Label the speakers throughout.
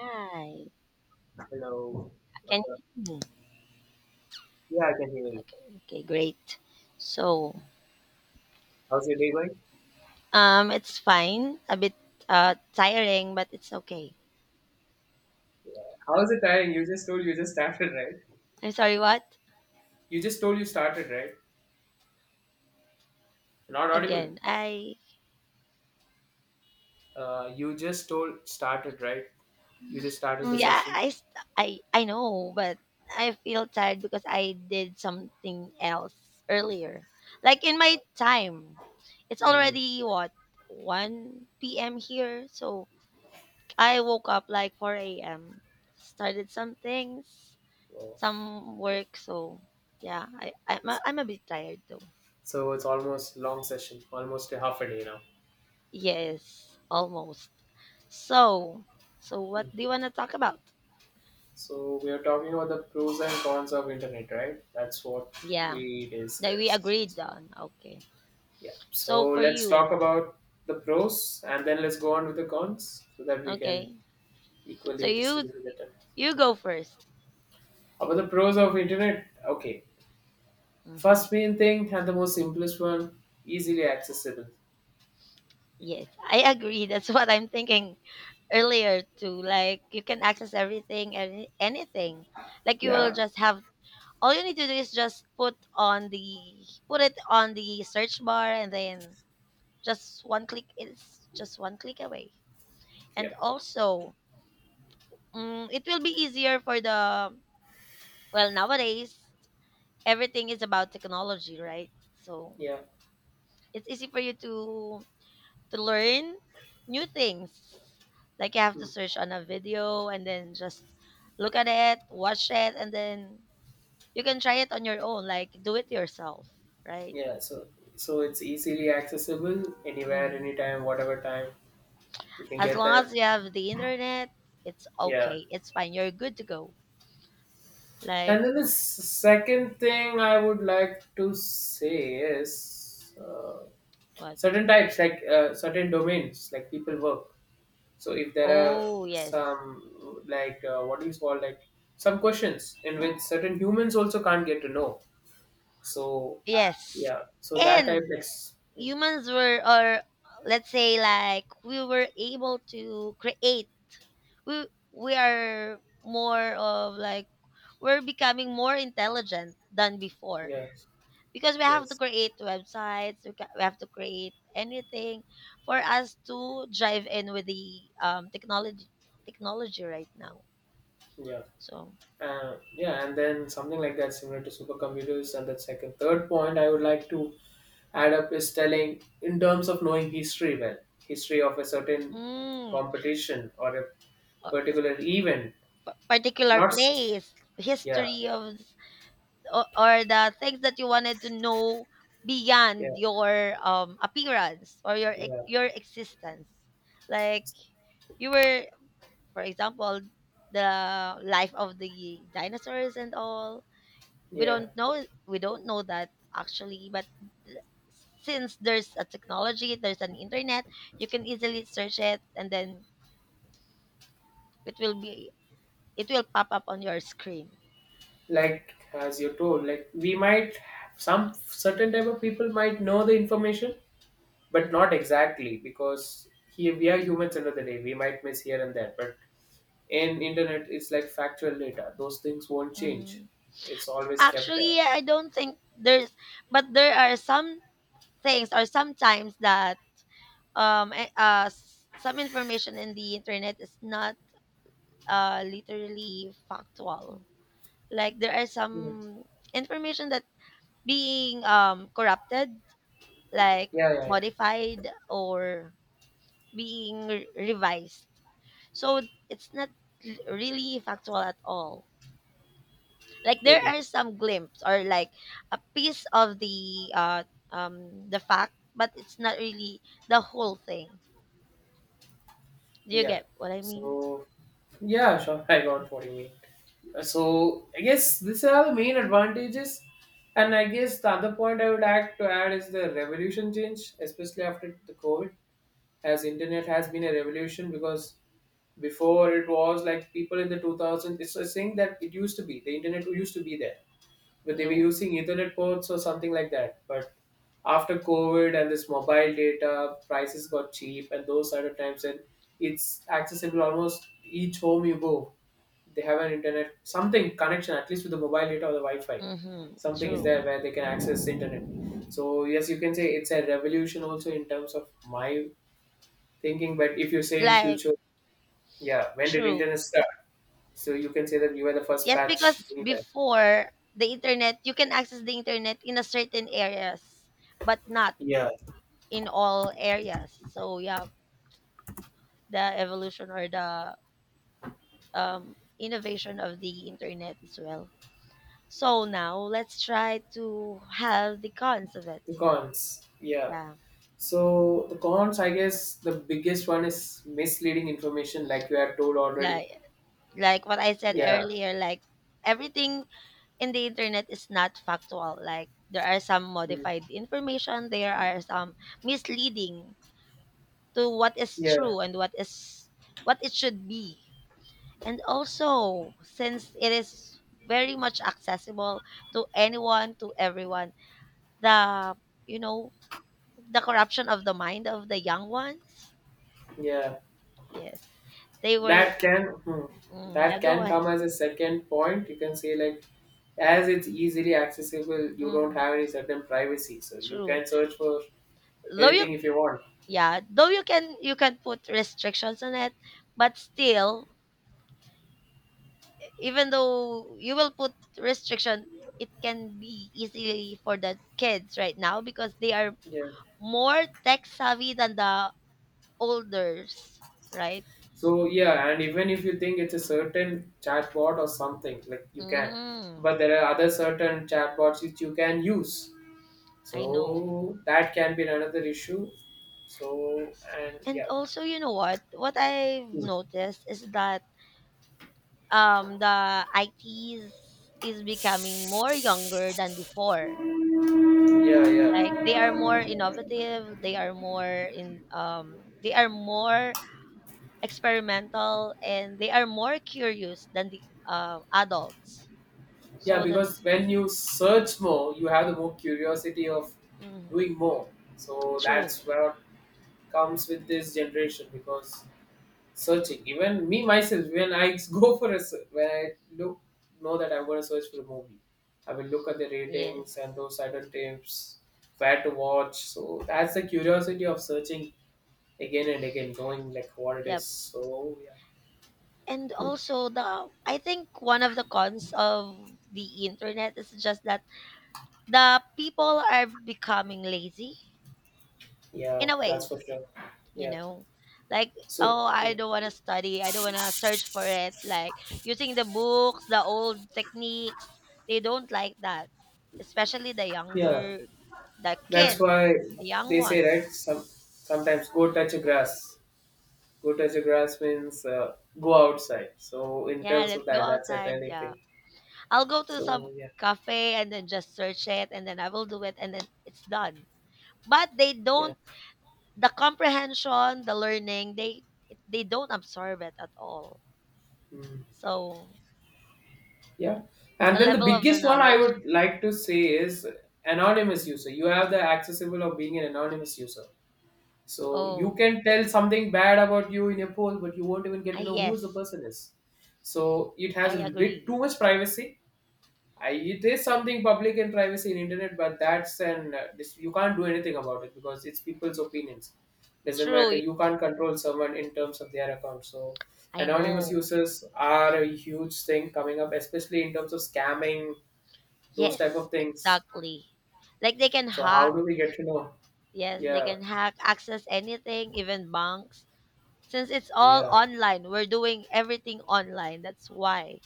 Speaker 1: Hi.
Speaker 2: Hello. What's
Speaker 1: Can
Speaker 2: up?
Speaker 1: you hear me?
Speaker 2: Yeah, I can hear you.
Speaker 1: Okay, okay, great. So,
Speaker 2: How's your day going?
Speaker 1: it's fine. A bit tiring, but it's okay.
Speaker 2: How is it tiring? You just started, right?
Speaker 1: I'm sorry, what?
Speaker 2: You just told you started, right? Not audible.
Speaker 1: Again, I
Speaker 2: You just told started, right? You just started the Mm.
Speaker 1: yeah,
Speaker 2: session.
Speaker 1: I know, but I feel tired because I did something else earlier. Like in my time. It's
Speaker 2: Mm-hmm.
Speaker 1: already what 1 p.m. here, so I woke up like 4 a.m. Started
Speaker 2: Oh.
Speaker 1: some work. So yeah, I'm a bit tired though.
Speaker 2: So it's almost long session, almost a half a day now.
Speaker 1: Yes, almost. So so
Speaker 2: Mm.
Speaker 1: what do you wanna talk about?
Speaker 2: So we are talking about the pros and cons of internet, right? That's what
Speaker 1: Yeah,
Speaker 2: we
Speaker 1: that we agreed
Speaker 2: discussed.
Speaker 1: on. Okay.
Speaker 2: Yeah. So
Speaker 1: So for
Speaker 2: let's
Speaker 1: you,
Speaker 2: talk about the pros and then let's go on with the cons so that we can
Speaker 1: okay. So
Speaker 2: equally
Speaker 1: you
Speaker 2: distributed better.
Speaker 1: you go 1st.
Speaker 2: About the pros of internet, okay.
Speaker 1: Hmm.
Speaker 2: First main thing and the most simplest one, easily accessible.
Speaker 1: Yes, I agree. That's what I'm thinking earlier too. Like you can access everything and anything. Like you will
Speaker 2: Yeah,
Speaker 1: just have all you need to do is just put it on the search bar, and then just one click is just one click away. And
Speaker 2: yeah,
Speaker 1: also, it will be easier for well, nowadays, everything is about technology, right? So
Speaker 2: yeah,
Speaker 1: it's easy for you to learn new things. Like you have to
Speaker 2: hmm,
Speaker 1: search on a video and then just look at it, watch it, and then you can try it on your own, like do it yourself, right?
Speaker 2: yeah. So it's easily accessible anywhere,
Speaker 1: Hmm.
Speaker 2: anytime, whatever time you can
Speaker 1: As
Speaker 2: get
Speaker 1: long
Speaker 2: that.
Speaker 1: as you have the internet, it's
Speaker 2: Yeah.
Speaker 1: okay. It's fine. You're good to go. Like
Speaker 2: And then the second thing I would like to say is
Speaker 1: what?
Speaker 2: certain types, like certain domains, like people work. So if there are
Speaker 1: Oh, yes.
Speaker 2: some like what do you call, like some questions in which certain humans also can't get to know. So
Speaker 1: Yes.
Speaker 2: yeah, so that type
Speaker 1: And
Speaker 2: yeah,
Speaker 1: humans were or let's say, like, we were able to create. We are more of, like, we're becoming more intelligent than before,
Speaker 2: yes,
Speaker 1: because we have to
Speaker 2: yes,
Speaker 1: create websites. We have to create anything for us to drive in with the technology right now,
Speaker 2: yeah.
Speaker 1: so.
Speaker 2: Yeah, and then something like that similar to supercomputers. And the second, third point I would like to add up is telling in terms of knowing history well, history of a certain
Speaker 1: mm,
Speaker 2: competition or a
Speaker 1: a
Speaker 2: particular event.
Speaker 1: particular
Speaker 2: Not s-
Speaker 1: place,
Speaker 2: Yeah,
Speaker 1: history of, or the things that you wanted to know beyond
Speaker 2: yeah,
Speaker 1: your appearance or your
Speaker 2: yeah,
Speaker 1: ex- your existence, like you were, for example, the life of the dinosaurs and all. we
Speaker 2: yeah.
Speaker 1: don't know we don't know that actually, but th- since there's a technology, there's an internet, you can easily search it, and then it will be it will pop up on your screen.
Speaker 2: Like as you told, like we might, some certain type of people might know the information, but
Speaker 1: Mhm.
Speaker 2: not exactly, because here we are humans, end of the day we might miss here and there, but in internet it's like factual data, those things won't change,
Speaker 1: Mhm.
Speaker 2: it's always kept there.
Speaker 1: Actually, I don't think there's, but there are some things, or sometimes that some information in the internet is not literally factual. Like there are
Speaker 2: Hmm.
Speaker 1: some information that being corrupted, like
Speaker 2: Yeah, yeah, yeah,
Speaker 1: modified or being revised, so it's not really factual at all. Like there
Speaker 2: maybe.
Speaker 1: are some glimpse, or like a piece of the the fact, but it's not really the whole thing. Do you
Speaker 2: Yeah.
Speaker 1: get what I mean?
Speaker 2: So, yeah, sure. I got what you mean. So, I guess these are the main advantages. And I guess the other point I would like to add is the revolution change, especially after the COVID, as internet has been a revolution because before it was like people in the 2000s, it's a thing that it used to be. The internet used to be there but they were
Speaker 1: No.
Speaker 2: using Ethernet ports or something like that. But after COVID and this mobile data prices got cheap and those sort of times, and it's accessible almost each home you go. They have an internet something connection at least with the mobile data or the Wi-Fi.
Speaker 1: Mm-hmm.
Speaker 2: Something is
Speaker 1: True.
Speaker 2: there where they can access internet. So yes, you can say it's a revolution also in terms of my thinking. But if you say in
Speaker 1: Like,
Speaker 2: future, yeah, when did
Speaker 1: true.
Speaker 2: internet start? So you can say that you were the first
Speaker 1: Yes,
Speaker 2: batch
Speaker 1: because
Speaker 2: doing that.
Speaker 1: before the internet, you can access the internet in a certain areas, but not
Speaker 2: Yeah,
Speaker 1: in all areas. So yeah, the evolution or the innovation of the internet as well. So now let's try to have the cons of it.
Speaker 2: the cons. Yeah.
Speaker 1: Yeah,
Speaker 2: So the cons, I guess, the biggest one is misleading information, like you have told already.
Speaker 1: like, what I said
Speaker 2: Yeah,
Speaker 1: earlier, like, everything in the internet is not factual. Like there are some
Speaker 2: mm,
Speaker 1: modified information, there are some misleading to what is
Speaker 2: yeah,
Speaker 1: true and what it should be. And also, since it is very much accessible to anyone, to everyone, the you know the corruption of the mind of the young ones.
Speaker 2: yeah.
Speaker 1: Yes, they will.
Speaker 2: That can hmm,
Speaker 1: Mm, yeah,
Speaker 2: that
Speaker 1: go
Speaker 2: can
Speaker 1: ahead.
Speaker 2: come as a second point. You can say like, as it's easily accessible, you don't
Speaker 1: Mm,
Speaker 2: have any certain privacy, so you
Speaker 1: true.
Speaker 2: can search for
Speaker 1: Though you,
Speaker 2: anything if you want.
Speaker 1: yeah, though you can put restrictions on it, but still, even though you will put restriction, it can be easily for the kids right now, because they are
Speaker 2: Yeah.
Speaker 1: more tech savvy than the olders, right?
Speaker 2: So yeah, and even if you think it's a certain chatbot or something, like you can,
Speaker 1: mm,
Speaker 2: but there are other certain chatbots which you can use.
Speaker 1: I know.
Speaker 2: So that can be another issue. So and
Speaker 1: And
Speaker 2: yeah,
Speaker 1: also, you know what I've noticed is that the its is becoming more younger than before.
Speaker 2: yeah,
Speaker 1: Like
Speaker 2: yeah,
Speaker 1: they are more innovative, they are more experimental, and they are more curious than the adults,
Speaker 2: yeah.
Speaker 1: so that's.
Speaker 2: Because when you search more, you have the more curiosity of
Speaker 1: Mhm.
Speaker 2: doing more. So
Speaker 1: True.
Speaker 2: that's what comes with this generation because searching. Even me myself, when I go for a when I look, know that I'm going to search for a movie, I will look at the
Speaker 1: Yes.
Speaker 2: ratings and those certain tips where to watch. So that's the curiosity of searching again and again, knowing like what it
Speaker 1: Yep.
Speaker 2: is. So yeah.
Speaker 1: And
Speaker 2: Hmm.
Speaker 1: also, the I think one of the cons of the internet is just that the people are becoming lazy
Speaker 2: Yeah,
Speaker 1: in a
Speaker 2: that's
Speaker 1: way,
Speaker 2: for sure.
Speaker 1: you
Speaker 2: Yeah.
Speaker 1: know, like,
Speaker 2: So,
Speaker 1: oh, I don't want to study, I don't want to search for it, like, using the books, the old techniques, they don't like that, especially the
Speaker 2: yeah,
Speaker 1: younger, the
Speaker 2: that's
Speaker 1: kids,
Speaker 2: why
Speaker 1: the young
Speaker 2: they say,
Speaker 1: ones.
Speaker 2: right? Some sometimes go touch a grass. Go touch a grass means go outside. So, in
Speaker 1: Yeah,
Speaker 2: terms
Speaker 1: let's
Speaker 2: of
Speaker 1: go
Speaker 2: that, that's a
Speaker 1: outside.
Speaker 2: trending
Speaker 1: Yeah,
Speaker 2: thing.
Speaker 1: I'll go to
Speaker 2: So,
Speaker 1: some
Speaker 2: yeah,
Speaker 1: cafe, and then just search it, and then I will do it, and then it's done. But they
Speaker 2: yeah,
Speaker 1: don't, the comprehension, the learning, they don't absorb it at all,
Speaker 2: mm,
Speaker 1: so.
Speaker 2: yeah. And
Speaker 1: The
Speaker 2: then the
Speaker 1: level of the
Speaker 2: biggest one I
Speaker 1: knowledge.
Speaker 2: would like to say is anonymous user. You have the accessible of being an anonymous user. So you
Speaker 1: Oh.
Speaker 2: can tell something bad about you in a poll, but you won't even get
Speaker 1: Ah,
Speaker 2: to know who is the
Speaker 1: yes,
Speaker 2: person is. So it has
Speaker 1: I
Speaker 2: a bit too
Speaker 1: agree.
Speaker 2: much privacy. I, it is something public and privacy in internet, but that's an this, you can't do anything about it because it's people's opinions. Doesn't
Speaker 1: True,
Speaker 2: matter. You can't control someone in terms of their account. So
Speaker 1: I
Speaker 2: anonymous
Speaker 1: know.
Speaker 2: users are a huge thing coming up, especially in terms of scamming those type
Speaker 1: Yes,
Speaker 2: of things.
Speaker 1: exactly. Like they can
Speaker 2: So how
Speaker 1: hack.
Speaker 2: do we get to know?
Speaker 1: Yes, they
Speaker 2: Yeah,
Speaker 1: can hack, access anything, even banks. Since it's all
Speaker 2: yeah,
Speaker 1: online, we're doing everything online. That's why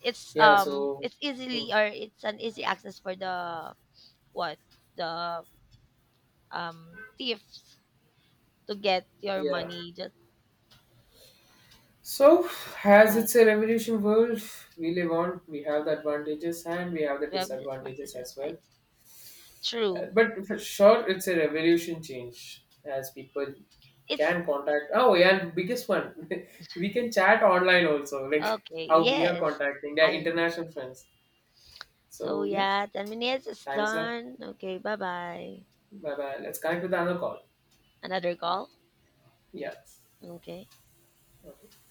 Speaker 1: it's
Speaker 2: yeah.
Speaker 1: um
Speaker 2: So
Speaker 1: it's
Speaker 2: mm,
Speaker 1: easily, or it's an easy access for the, what, the thieves, to get your
Speaker 2: yeah.
Speaker 1: money. Just
Speaker 2: So, as
Speaker 1: what.
Speaker 2: it's a revolution world we live on, we have the advantages and we have the
Speaker 1: We have
Speaker 2: disadvantages
Speaker 1: disadvantages.
Speaker 2: as well.
Speaker 1: I True.
Speaker 2: But for sure, it's a revolution change as people
Speaker 1: It's
Speaker 2: can contact. Oh, yeah, and biggest one, we can chat online also, like
Speaker 1: okay.
Speaker 2: how we are
Speaker 1: Yes,
Speaker 2: contacting their
Speaker 1: I.
Speaker 2: international friends.
Speaker 1: So
Speaker 2: So, yeah,
Speaker 1: yeah, 10 minutes is
Speaker 2: time is up.
Speaker 1: done. Okay, bye bye.
Speaker 2: Bye bye. Let's connect with another call.
Speaker 1: Another call?
Speaker 2: Yeah.
Speaker 1: Okay.
Speaker 2: Okay.